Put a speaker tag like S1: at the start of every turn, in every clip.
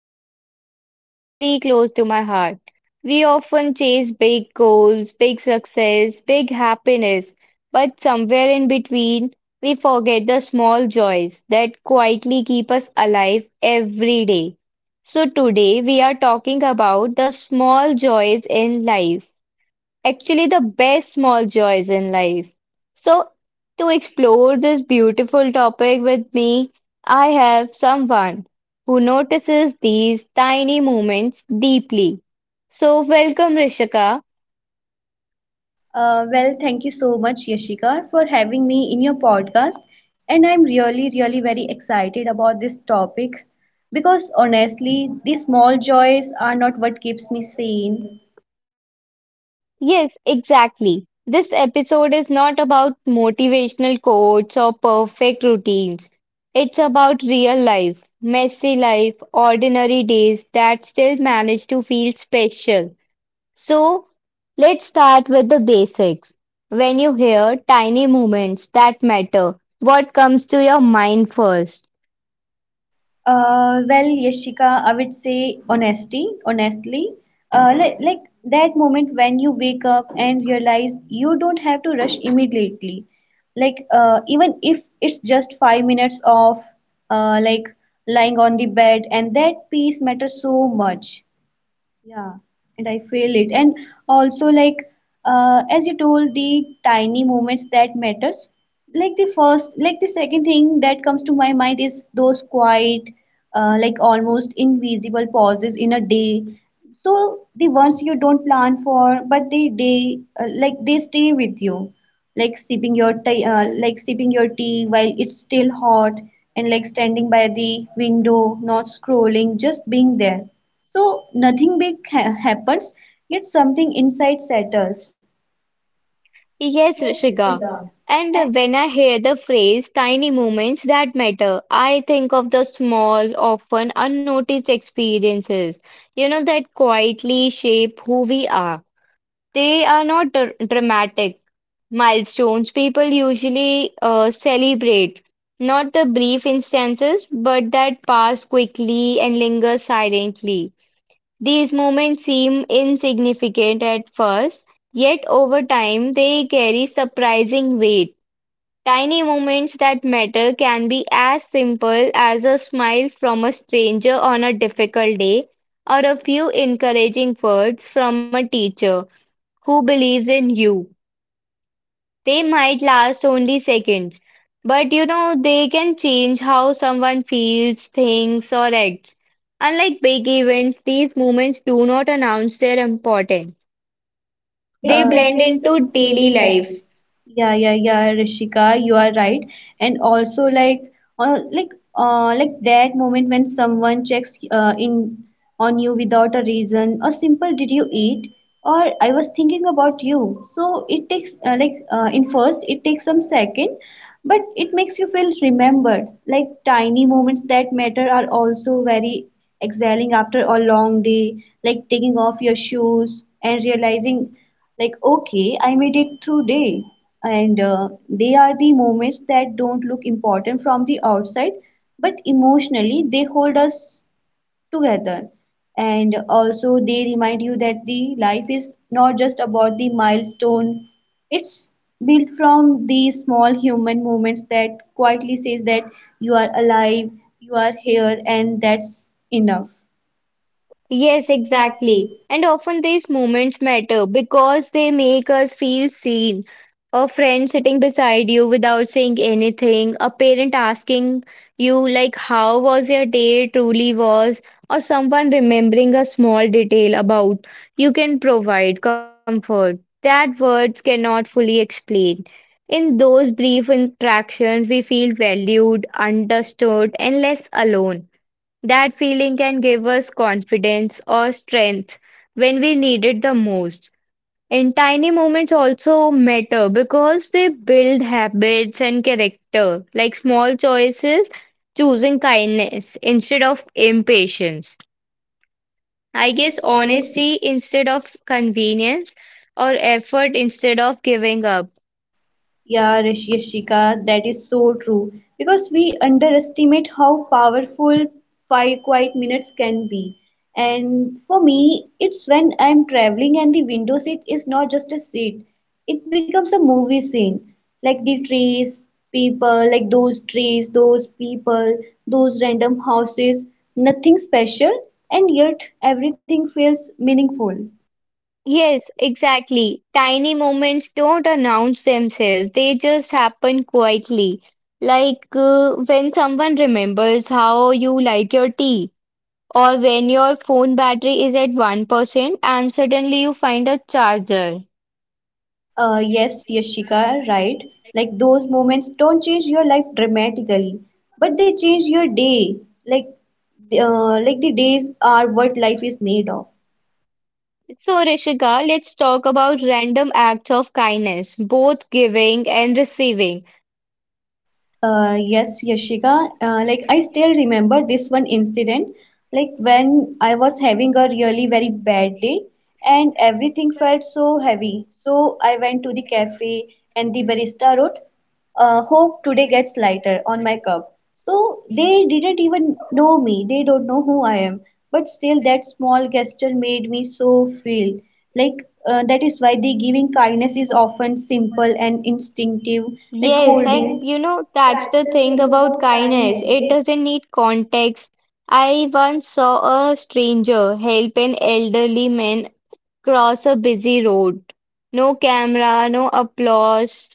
S1: today's episode is very close to my heart. We often chase big goals, big success, big happiness, but somewhere in between, we forget the small joys that quietly keep us alive every day. So today we are talking about the small joys in life actually the best small joys in life. So, to explore this beautiful topic with me, I have someone who notices these tiny moments deeply. So, welcome, Rishika.
S2: Thank you so much, Yashika, for having me in your podcast. And I'm really very excited about this topic because honestly, these small joys are not what keeps me sane.
S1: Yes, exactly. This episode is not about motivational quotes or perfect routines. It's about real life, messy life, ordinary days that still manage to feel special. So, let's start with the basics. When you hear tiny movements that matter, what comes to your mind first?
S2: Yashika, I would say honestly. Uh, like, like that moment when you wake up and realize you don't have to rush immediately. Like, even if it's just 5 minutes of uh, like lying on the bed, and that peace matters so much. Yeah, and I feel it. And also, as you told, the tiny moments that matters. Like the first, like the second thing that comes to my mind is those quiet, like almost invisible pauses in a day. So the ones you don't plan for, but they stay with you, like sipping your tea, sipping your tea while it's still hot, and like standing by the window, not scrolling, just being there. So nothing big happens, yet something inside settles.
S1: Yes, Rishika. And when I hear the phrase tiny moments that matter, I think of the small, often unnoticed experiences, you know, that quietly shape who we are. They are not dramatic milestones people usually celebrate, not the brief instances, but that pass quickly and linger silently. These moments seem insignificant at first, yet over time they carry surprising weight. Tiny moments that matter can be as simple as a smile from a stranger on a difficult day or a few encouraging words from a teacher who believes in you. They might last only seconds, but you know, they can change how someone feels, thinks, or acts. Unlike big events, these moments do not announce their importance. They
S2: Uh,
S1: blend into daily life.
S2: Yeah, yeah, yeah, Rishika, you are right. And also uh, like like that moment when someone checks in on you without a reason, a simple "Did you eat?" or "I was thinking about you." So it takes in first it takes some second, but it makes you feel remembered. Like tiny moments that matter are also very exhaling after a long day, like taking off your shoes and realizing like okay, I made it through day. And they are the moments that don't look important from the outside but emotionally they hold us together. And also they remind you that the life is not just about the milestone, it's built from the small human moments that quietly says that you are alive, you are here, and that's enough.
S1: Yes, exactly.
S2: Exactly.
S1: And often these moments matter because they make us feel seen. A friend sitting beside you without saying anything, a parent asking you, like, how was your day truly was, or someone remembering a small detail about you can provide comfort that words cannot fully explain. In those brief interactions, we feel valued, understood, and less alone. That feeling can give us confidence or strength when we need it the most. And tiny moments also matter because they build habits and character, like small choices, choosing kindness instead of impatience.
S2: I
S1: I
S2: guess
S1: guess
S2: honestly.
S1: honesty instead of convenience or effort instead of giving up.
S2: Yeah, Yashika, that is so true because we underestimate how powerful five quiet minutes can be. And for me, it's when I'm traveling and the window seat is not just a seat, it becomes a movie scene. Like the trees, people, like those trees, those people, those random houses, nothing special, and yet everything feels meaningful.
S1: Yes, exactly. Tiny moments don't announce themselves, they just happen quietly. Like when someone remembers how you like your tea, or when your phone battery is at 1% and suddenly you find a charger.
S2: Yes, Yashika, right. Like those moments don't change your life dramatically, but they change your day. Like, like the days are what life is made of.
S1: So, Rishika, let's talk about random acts of kindness, both giving and receiving.
S2: Yes, Yashika. Like I still remember this one incident, like when I was having a really very bad day and everything felt so heavy. So I went to the cafe and the barista wrote, "Hope today gets lighter" on my cup. So they didn't even know me. They don't know who I am. But still, that small gesture made me so feel like. That is why the giving kindness is often simple and instinctive, like
S1: Yes, and
S2: holding.
S1: you know, that's the thing about kindness. It doesn't need context. I once saw a stranger help an elderly man cross a busy road. No camera, no applause,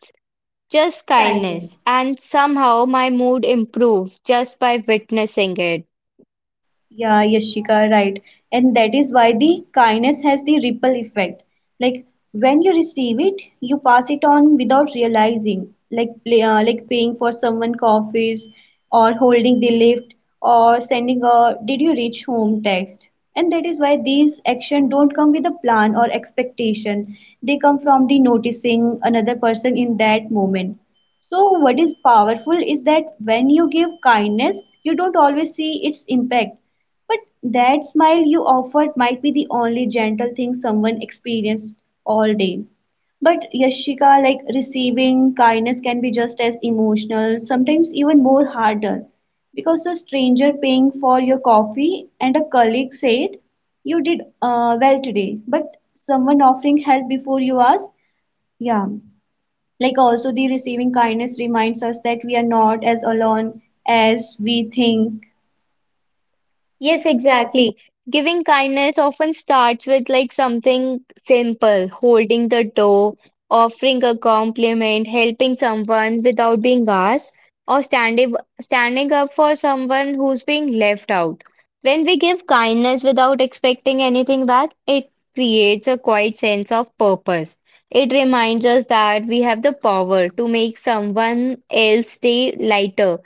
S1: just kindness. And somehow my mood improved just by witnessing it.
S2: Yeah, Yashika, right. And that is why the kindness has the ripple effect. Like when you receive it, you pass it on without realizing. Like paying for someone coffees, or holding the lift, or sending a "Did you reach home?" text. And that is why these action don't come with a plan or expectation. They come from the noticing another person in that moment. So, what is powerful is that when you give kindness, you don't always see its impact. But that smile you offered might be the only gentle thing someone experienced all day. But Yashika, like receiving kindness can be just as emotional, sometimes even more harder. Because a stranger paying for your coffee and a colleague said, you did well today. But someone offering help before you ask, yeah. Like also, the receiving kindness reminds us that we are not as alone as we think.
S1: Yes, exactly. Giving kindness often starts with like something simple, holding the door, offering a compliment, helping someone without being asked, or standing up for someone who's being left out. When we give kindness without expecting anything back, it creates a quiet sense of purpose. It reminds us that we have the power to make someone else's day lighter,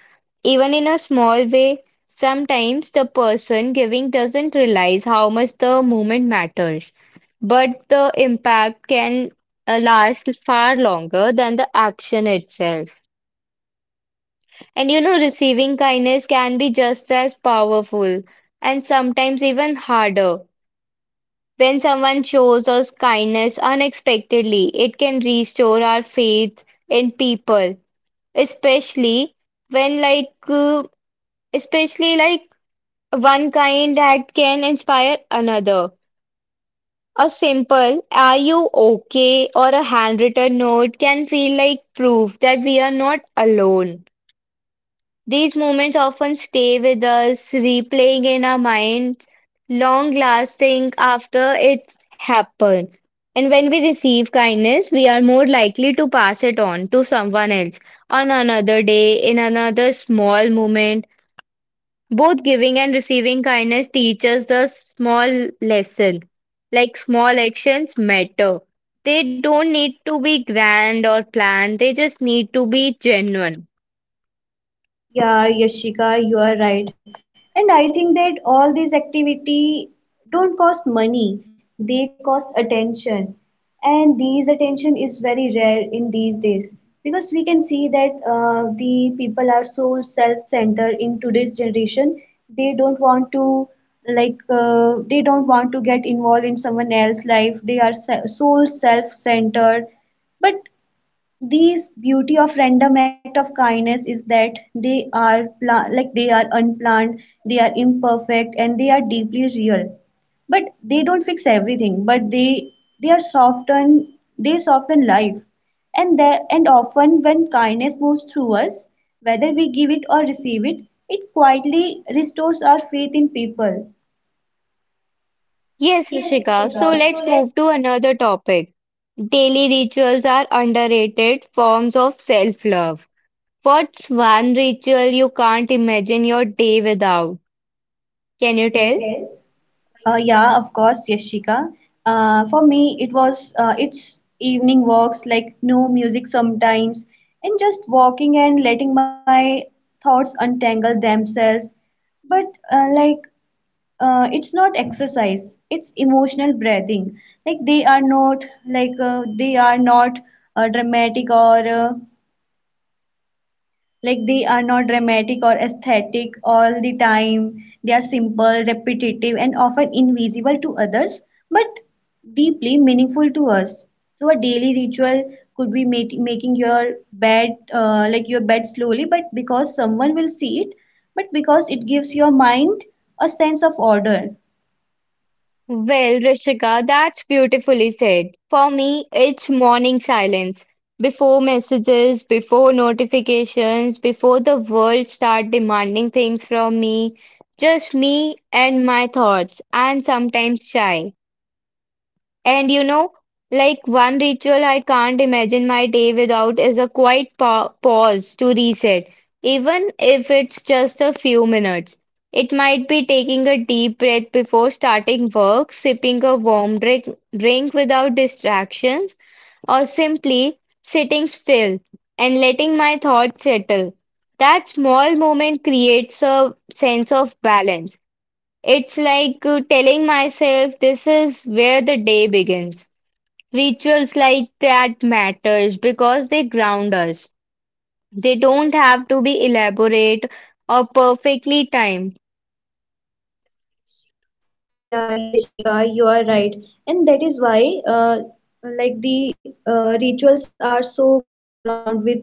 S1: even in a small way. Sometimes the person giving doesn't realize how much the moment matters, but the impact can last far longer than the action itself. And you know, receiving kindness can be just as powerful and sometimes even harder. When someone shows us kindness unexpectedly, it can restore our faith in people, especially when, like, especially like one kind act can inspire another. A simple "Are you okay?" or a handwritten note can feel like proof that we are not alone. These moments often stay with us, replaying in our minds, long lasting after it happened. And when we receive kindness, we are more likely to pass it on to someone else on another day, in another small moment both giving and receiving kindness teaches the small lesson. Like small actions matter. They don't need to be grand or planned, they just need to be genuine.
S2: Yeah, Yashika, you are right. And I think that all these activity don't cost money, they cost attention. And these attention is very rare in these days because we can see that the people are so self-centered in today's generation. They don't want to they don't want to get involved in someone else's life. They are so self-centered, but these beauty of random act of kindness is that they are they are unplanned, they are imperfect, and they are deeply real. But they don't fix everything. But they are soften they soften life, and there and often when kindness moves through us, whether we give it or receive it, it quietly restores our faith in people.
S1: Yes, Rishika. So let's move to another topic. Daily rituals are underrated forms of self-love. What's one ritual you can't imagine your day without? Can you tell?
S2: Yeah, of course, Yashika. For me, it was it's evening walks, like no music sometimes, and just walking and letting my thoughts untangle themselves. But it's not exercise; it's emotional breathing. Like they are not dramatic or like they are not dramatic or aesthetic all the time. They are simple, repetitive, and often invisible to others, but deeply meaningful to us. So a daily ritual could be making your bed, your bed slowly, but because someone will see it, but because it gives your mind a sense of order.
S1: Well, Rishika, that's beautifully said. For me, it's morning silence. Before messages, before notifications, before the world start demanding things from me, just me and my thoughts, and sometimes shy. And you know, like one ritual I can't imagine my day without is a quiet pa pause to reset, even if it's just a few minutes. It might be taking a deep breath before starting work, sipping a warm drink, drink without distractions, or simply sitting still and letting my thoughts settle. That small moment creates a sense of balance. It's like telling myself this is where the day begins. Rituals like that matters because they ground us. They don't have to be elaborate or perfectly timed.
S2: Yeah, Yashika, you are right. And that is why, like the rituals are so ground with us,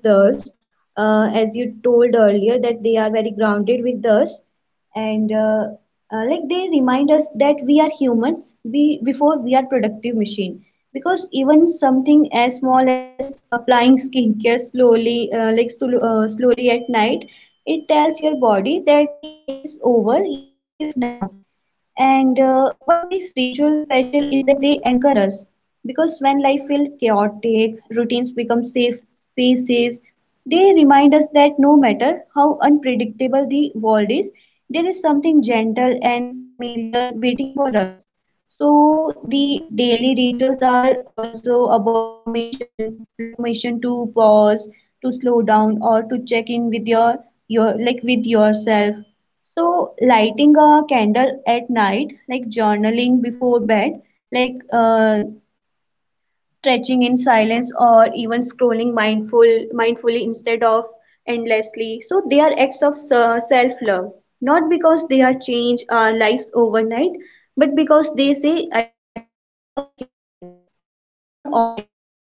S2: as you told earlier, that they are very grounded with us, and they remind us that we are humans we, before we are productive machine. Because even something as small as applying skincare slowly, slowly at night, it tells your body that the day is over, you're safe now. And what makes rituals special is that they anchor us. Because when life feels chaotic, routines become safe spaces. They remind us that no matter how unpredictable the world is, there is something gentle and familiar waiting for us. So the daily rituals are also about permission, like permission to pause, to slow down, or to check in with your like with yourself. So lighting a candle at night, like journaling before bed, like stretching in silence or even scrolling mindfully instead of endlessly, so they are acts of self love, not because they are change our lives overnight, but because they say I deserve care even on ordinary days.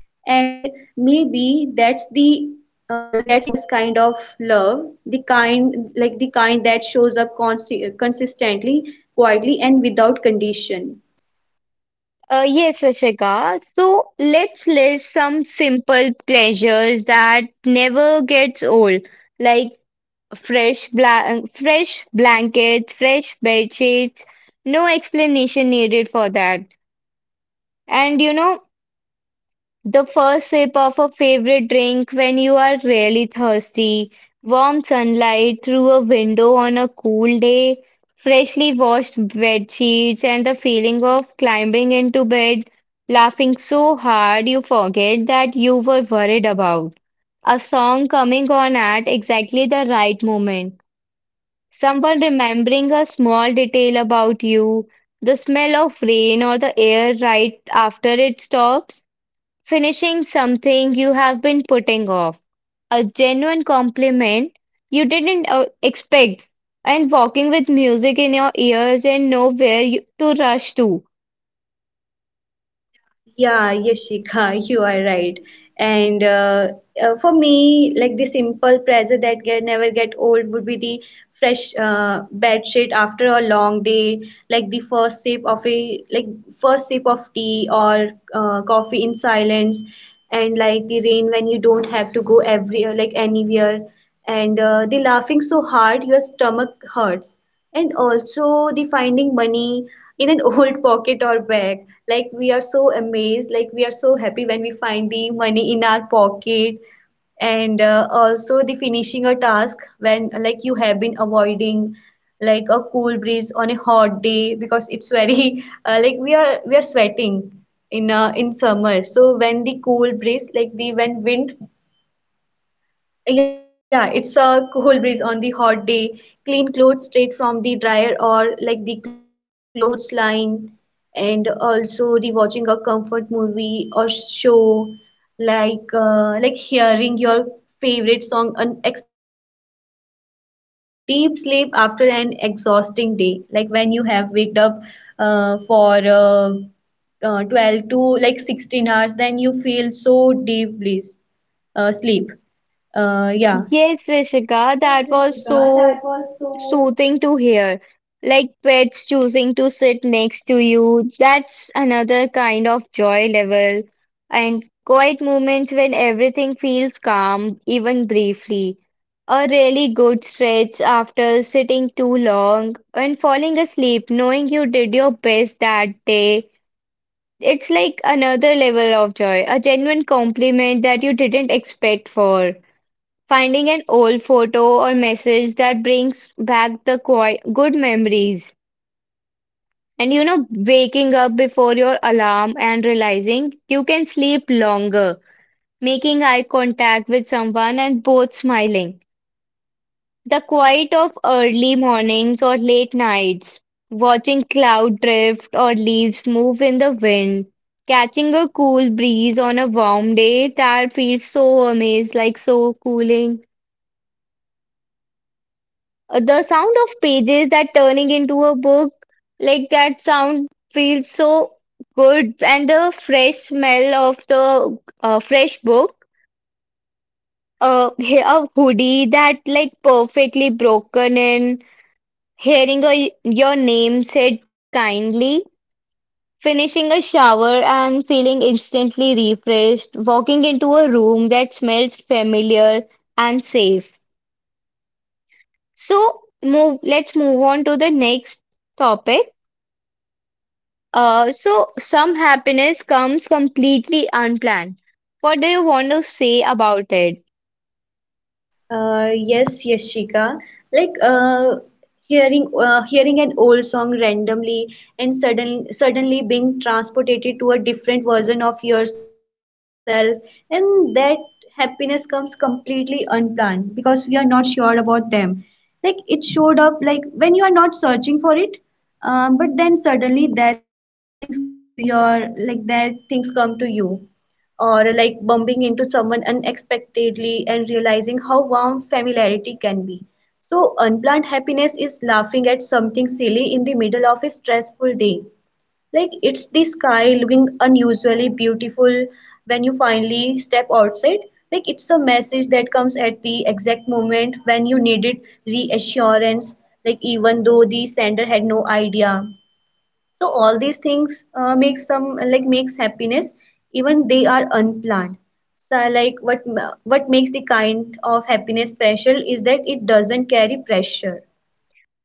S2: And maybe that's the that's the truest kind of love, the kind the kind that shows up consistently, quietly, and without condition.
S1: Yes, Ashika. So let's list some simple pleasures that never gets old, like fresh blankets, fresh bed sheets. No explanation needed for that. And you know, the first sip of a favorite drink when you are really thirsty, warm sunlight through a window on a cool day, freshly washed bed sheets, and the feeling of climbing into bed, laughing so hard you forget that you were worried about. A song coming on at exactly the right moment, someone remembering a small detail about you, the smell of rain or the air right after it stops. Finishing something you have been putting off, a genuine compliment you didn't expect, and walking with music in your ears and nowhere you, to rush to.
S2: Yeah, Yashika, you are right. And for me, like the simple pleasure that can never get old would be the fresh bed sheet after a long day, like the first sip of a like first sip of tea or coffee in silence, and like the rain when you don't have to go every like anywhere, and the laughing so hard your stomach hurts, and also the finding money in an old pocket or bag. Like we are so amazed, like we are so happy when we find the money in our pocket, and also the finishing a task when like you have been avoiding, like a cool breeze on a hot day because it's very we are sweating in summer, so when the cool breeze like the when wind, yeah, it's a cool breeze on the hot day. Clean clothes straight from the dryer or like the clothes line, and also rewatching a comfort movie or show, like hearing your favorite song unexpectedly, and that deep sleep after an exhausting day, like when you have waked up for 12 to like 16 hours, then you feel so deeply sleep. Yeah.
S1: Yes, Rishika, that was so soothing to hear, like pets choosing to sit next to you. That's another kind of joy level. And quiet moments when everything feels calm, even briefly. A really good stretch after sitting too long and falling asleep, knowing you did your best that day. It's like another level of joy, a genuine compliment that you didn't expect for. Finding an old photo or message that brings back the qui good memories. And you know, waking up before your alarm and realizing you can sleep longer, making eye contact with someone and both smiling. The quiet of early mornings or late nights, watching cloud drift or leaves move in the wind, catching a cool breeze on a warm day that feels so amazing, like so cooling. The sound of pages that turning into a book, like that sound feels so good, and the fresh smell of the fresh book, a hoodie that like perfectly broken in, hearing a, your name said kindly, finishing a shower and feeling instantly refreshed, walking into a room that smells familiar and safe. So let's move on to the next topic. So some happiness comes completely unplanned. What do you want to say about it?
S2: Yes, Yashika. Like hearing an old song randomly and suddenly being transported to a different version of yourself, and that happiness comes completely unplanned because we are not sure about them. Like it showed up like when you are not searching for it, but then suddenly that things come to your like that things come to you or like bumping into someone unexpectedly and realizing how warm familiarity can be. So, unplanned happiness is laughing at something silly in the middle of a stressful day. Like it's the sky looking unusually beautiful when you finally step outside. Like it's a message that comes at the exact moment when you needed reassurance, like even though the sender had no idea. So all these things makes some, like makes happiness even they are unplanned. So like what makes the kind of happiness special is that it doesn't carry pressure.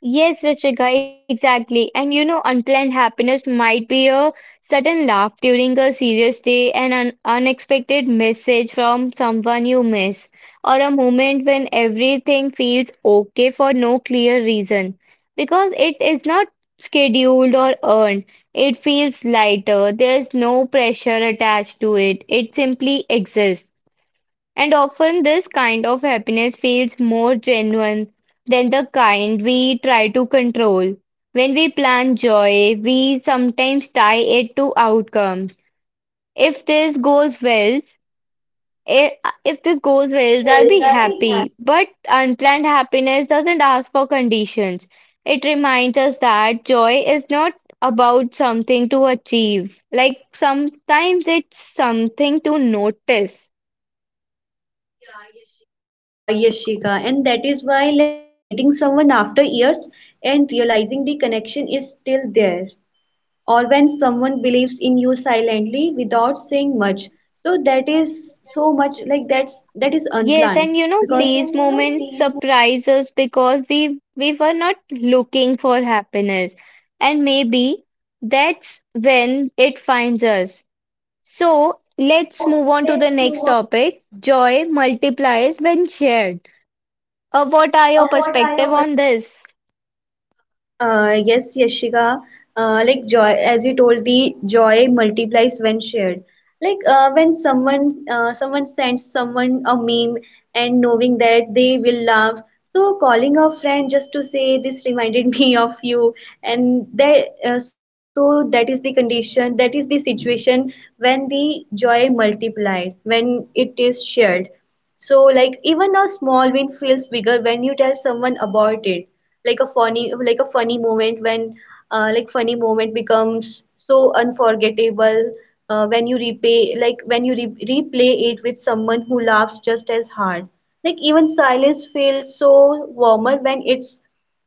S1: Yes, Ruchika, exactly. And you know, unplanned happiness might be a sudden laugh during a serious day, an un unexpected message from someone you miss, or a moment when everything feels okay for no clear reason. Because it is not scheduled or earned, it feels lighter. There's no pressure attached to it, it simply exists. And often this kind of happiness feels more genuine than the kind we try to control. When we plan joy, we sometimes tie it to outcomes. If this goes well, if, if this goes well, I'll be happy. But unplanned happiness doesn't ask for conditions. It reminds us that joy is not about something to achieve. Like sometimes it's something to notice.
S2: Yeah, Yashika, and that is why like meeting someone after years and realizing the connection is still there, or when someone believes in you silently without saying much. So that is so much like that is unplanned
S1: Yes, and you
S2: because.
S1: know, these moments surprise us because we were not looking for happiness. And maybe that's when it finds us. So let's move on to the next topic. Joy multiplies when shared. What are your perspective on this?
S2: Yes, Yashika. Like joy, as you told, the joy multiplies when shared. Like when someone someone sends someone a meme and knowing that they will laugh. So calling a friend just to say this reminded me of you, and that is the condition, that is the situation when the joy multiplied, when it is shared. So, like even a small win feels bigger when you tell someone about it. Like a funny moment when funny moment becomes so unforgettable when you repay, like when you re- replay it with someone who laughs just as hard. Like even silence feels so warmer when it's,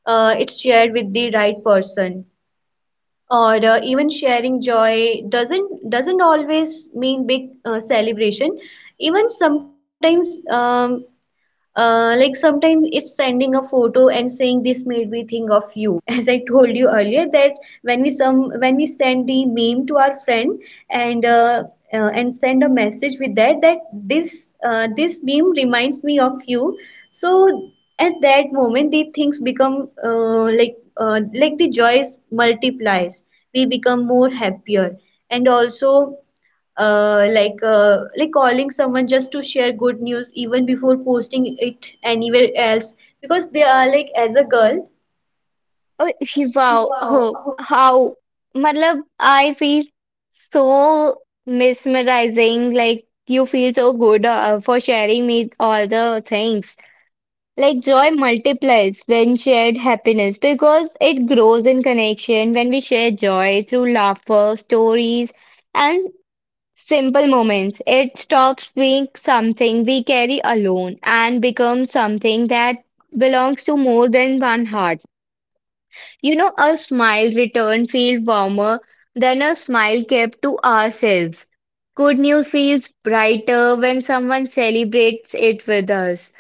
S2: uh, it's shared with the right person. Or even sharing joy doesn't always mean big celebration, even sometimes it's sending a photo and saying this made me think of you. As I told you earlier, that when we send the meme to our friend and and send a message with that this meme reminds me of you. So at that moment, the things become the joys multiplies. We become more happier and also calling someone just to share good news even before posting it anywhere else because they are like as a girl.
S1: Oh, wow. Oh, how? Matlab, I feel so mesmerizing. Like you feel so good for sharing me all the things. Like joy multiplies when shared happiness because it grows in connection when we share joy through laughter, stories, and simple moments. It stops being something we carry alone and becomes something that belongs to more than one heart. You know, a smile returned feels warmer than a smile kept to ourselves. Good news feels brighter when someone celebrates it with us.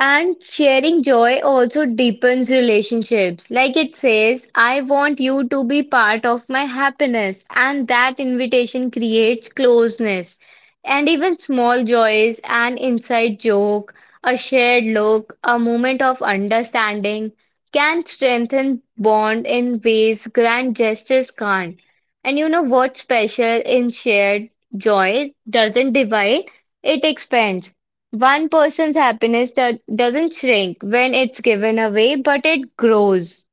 S1: And sharing joy also deepens relationships. Like it says, I want you to be part of my happiness. And that invitation creates closeness. And even small joys, an inside joke, a shared look, a moment of understanding can strengthen bond in ways grand gestures can't. And you know what's special in shared joy doesn't divide, it expands. One person's happiness doesn't shrink when it's given away, but it grows.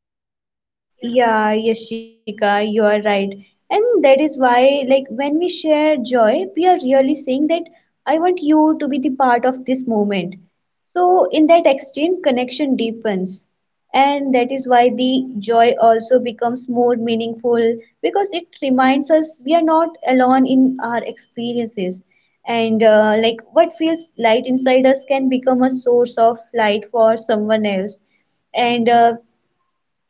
S2: Yeah, Yashika, you are right. And that is why, like, when we share joy, we are really saying that I want you to be the part of this moment. So, in that exchange, connection deepens. And that is why the joy also becomes more meaningful because it reminds us we are not alone in our experiences. And, like, what feels light inside us can become a source of light for someone else, and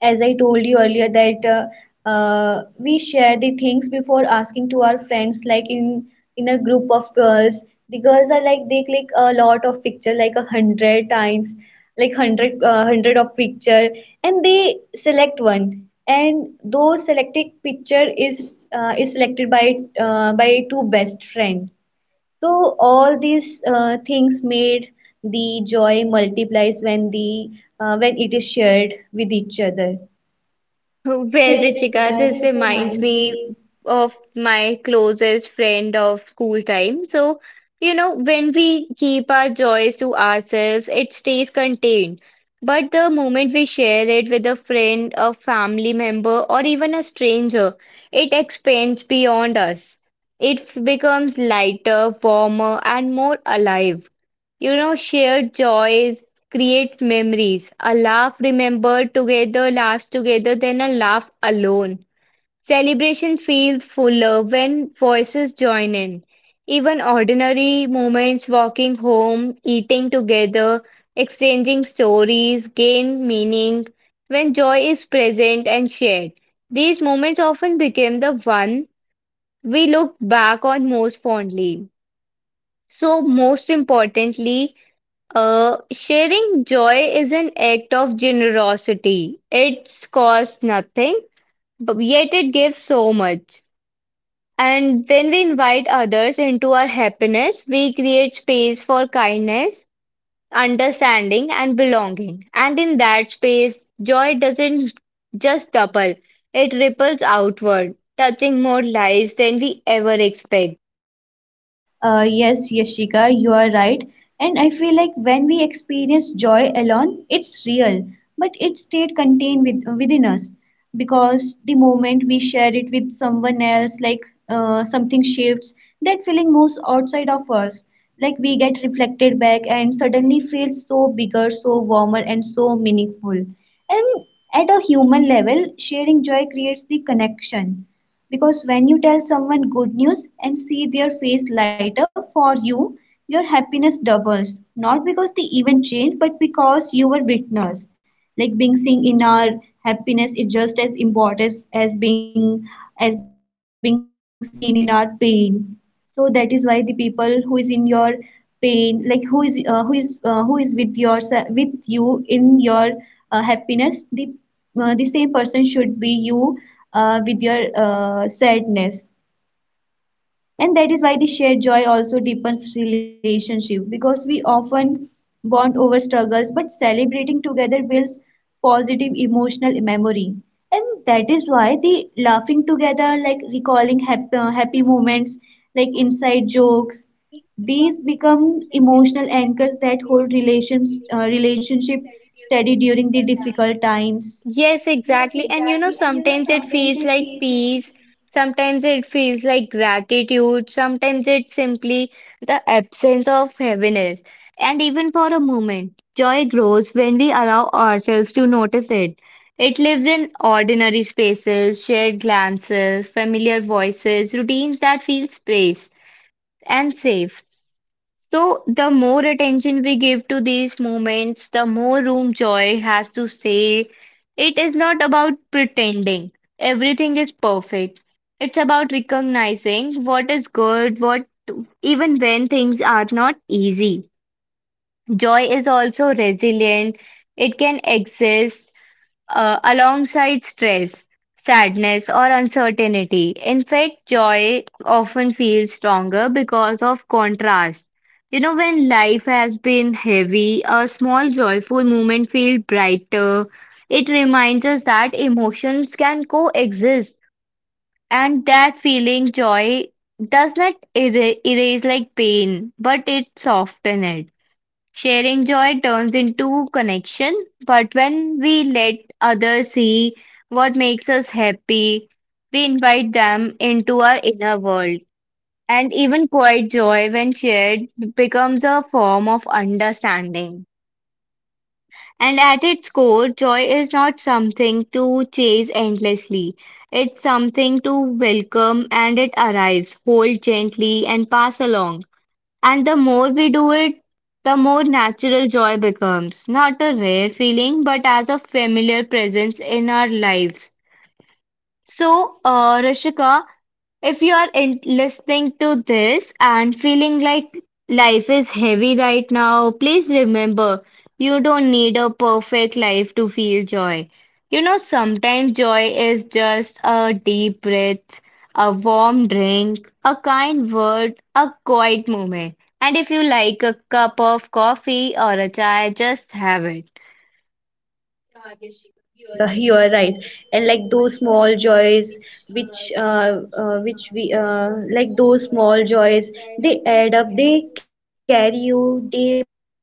S2: as I told you earlier that we share the things before asking to our friends, like in a group of girls the girls are like they click a lot of picture like a hundred times, like hundred of picture, and they select one, and those selected picture is selected by two best friend. So all these things made the joy multiplies when the when it is shared with each other.
S1: Well, Richika, this reminds me of my closest friend of school time. So, you know, when we keep our joys to ourselves, it stays contained. But the moment we share it with a friend, a family member, or even a stranger, it expands beyond us. It becomes lighter, warmer, and more alive. You know, shared joys create memories. A laugh remembered together lasts together than a laugh alone. Celebration feels fuller when voices join in. Even ordinary moments, walking home, eating together, exchanging stories, gain meaning when joy is present and shared. These moments often become the one we look back on most fondly. So, most importantly, sharing joy is an act of generosity. It costs nothing, but yet it gives so much. And when we invite others into our happiness, we create space for kindness, understanding, and belonging. And in that space, joy doesn't just double, it ripples outward, touching more lives than we ever expect.
S2: Yes, Yashika, you are right. And I feel like when we experience joy alone, it's real, but it stayed contained with, within us, because the moment we share it with someone else, like something shifts, that feeling moves outside of us. Like we get reflected back and suddenly feel so bigger, so warmer, and so meaningful. And at a human level, sharing joy creates the connection, because when you tell someone good news and see their face light up for you, your happiness doubles. Not because the event changed, but because you were witness. Like being seen in our happiness is just as important as being seen in our pain. So that is why the people who is in your pain, like who is with your with you in your happiness, the same person should be you with your sadness. And that is why the shared joy also deepens relationship, because we often bond over struggles but celebrating together builds positive emotional memory. And that is why the laughing together, like recalling happy moments, like inside jokes, these become emotional anchors that hold relationship steady during the difficult times.
S1: Yes, exactly. And you know, sometimes it feels like peace, sometimes it feels like gratitude, sometimes it's simply the absence of heaviness. And even for a moment, joy grows when we allow ourselves to notice it. It lives in ordinary spaces, shared glances, familiar voices, routines that feel space and safe. So, the more attention we give to these moments, the more room joy has to say. It is not about pretending everything is perfect. It's about recognizing what is good, what even when things are not easy. Joy is also resilient, it can exist alongside stress, sadness, or uncertainty. In fact, joy often feels stronger because of contrast. You know, when life has been heavy, a small joyful moment feels brighter. It reminds us that emotions can coexist and that feeling joy does not erase like pain, but it softens it. Sharing joy turns into connection, but when we let others see what makes us happy, we invite them into our inner world. And even quiet joy, when shared, becomes a form of understanding. And at its core, joy is not something to chase endlessly. It's something to welcome and it arrives, hold gently, and pass along. And the more we do it, the more natural joy becomes, not a rare feeling, but as a familiar presence in our lives. So, Rishika, if you're in listening to this and feeling like life is heavy right now, please remember you don't need a perfect life to feel joy. You know, sometimes joy is just a deep breath, a warm drink, a kind word, a quiet moment. And if you like a cup of coffee or a chai, just have it.
S2: Yeah, Yashika, you are right. And like those small joys, which we like those small joys, they add up. They carry you day by day.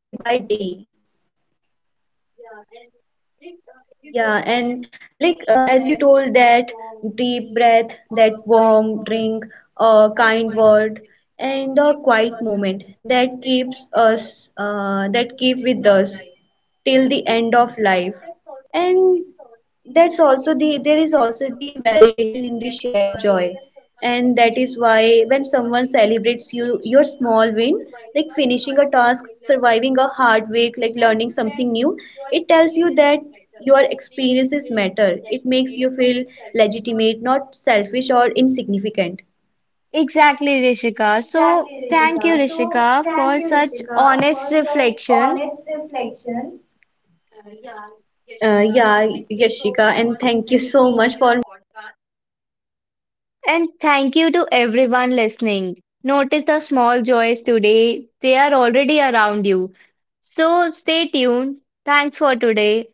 S2: Yeah, and like as you told that deep breath, that warm drink, a kind word, and a quiet moment that that keep with us till the end of life. And that's also the there is also the validation in the shared joy. And that is why when someone celebrates you your small win, like finishing a task, surviving a hard week, like learning something new, it tells you that your experiences matter. It makes you feel legitimate, not selfish or insignificant.
S1: Exactly, Rishika. So, thank you, Rishika, for such honest reflections.
S2: Yeah, Yashika, and thank you so much for having me in your podcast.
S1: And thank you to everyone listening. Notice the small joys today, they are already around you. So stay tuned. Thanks for today.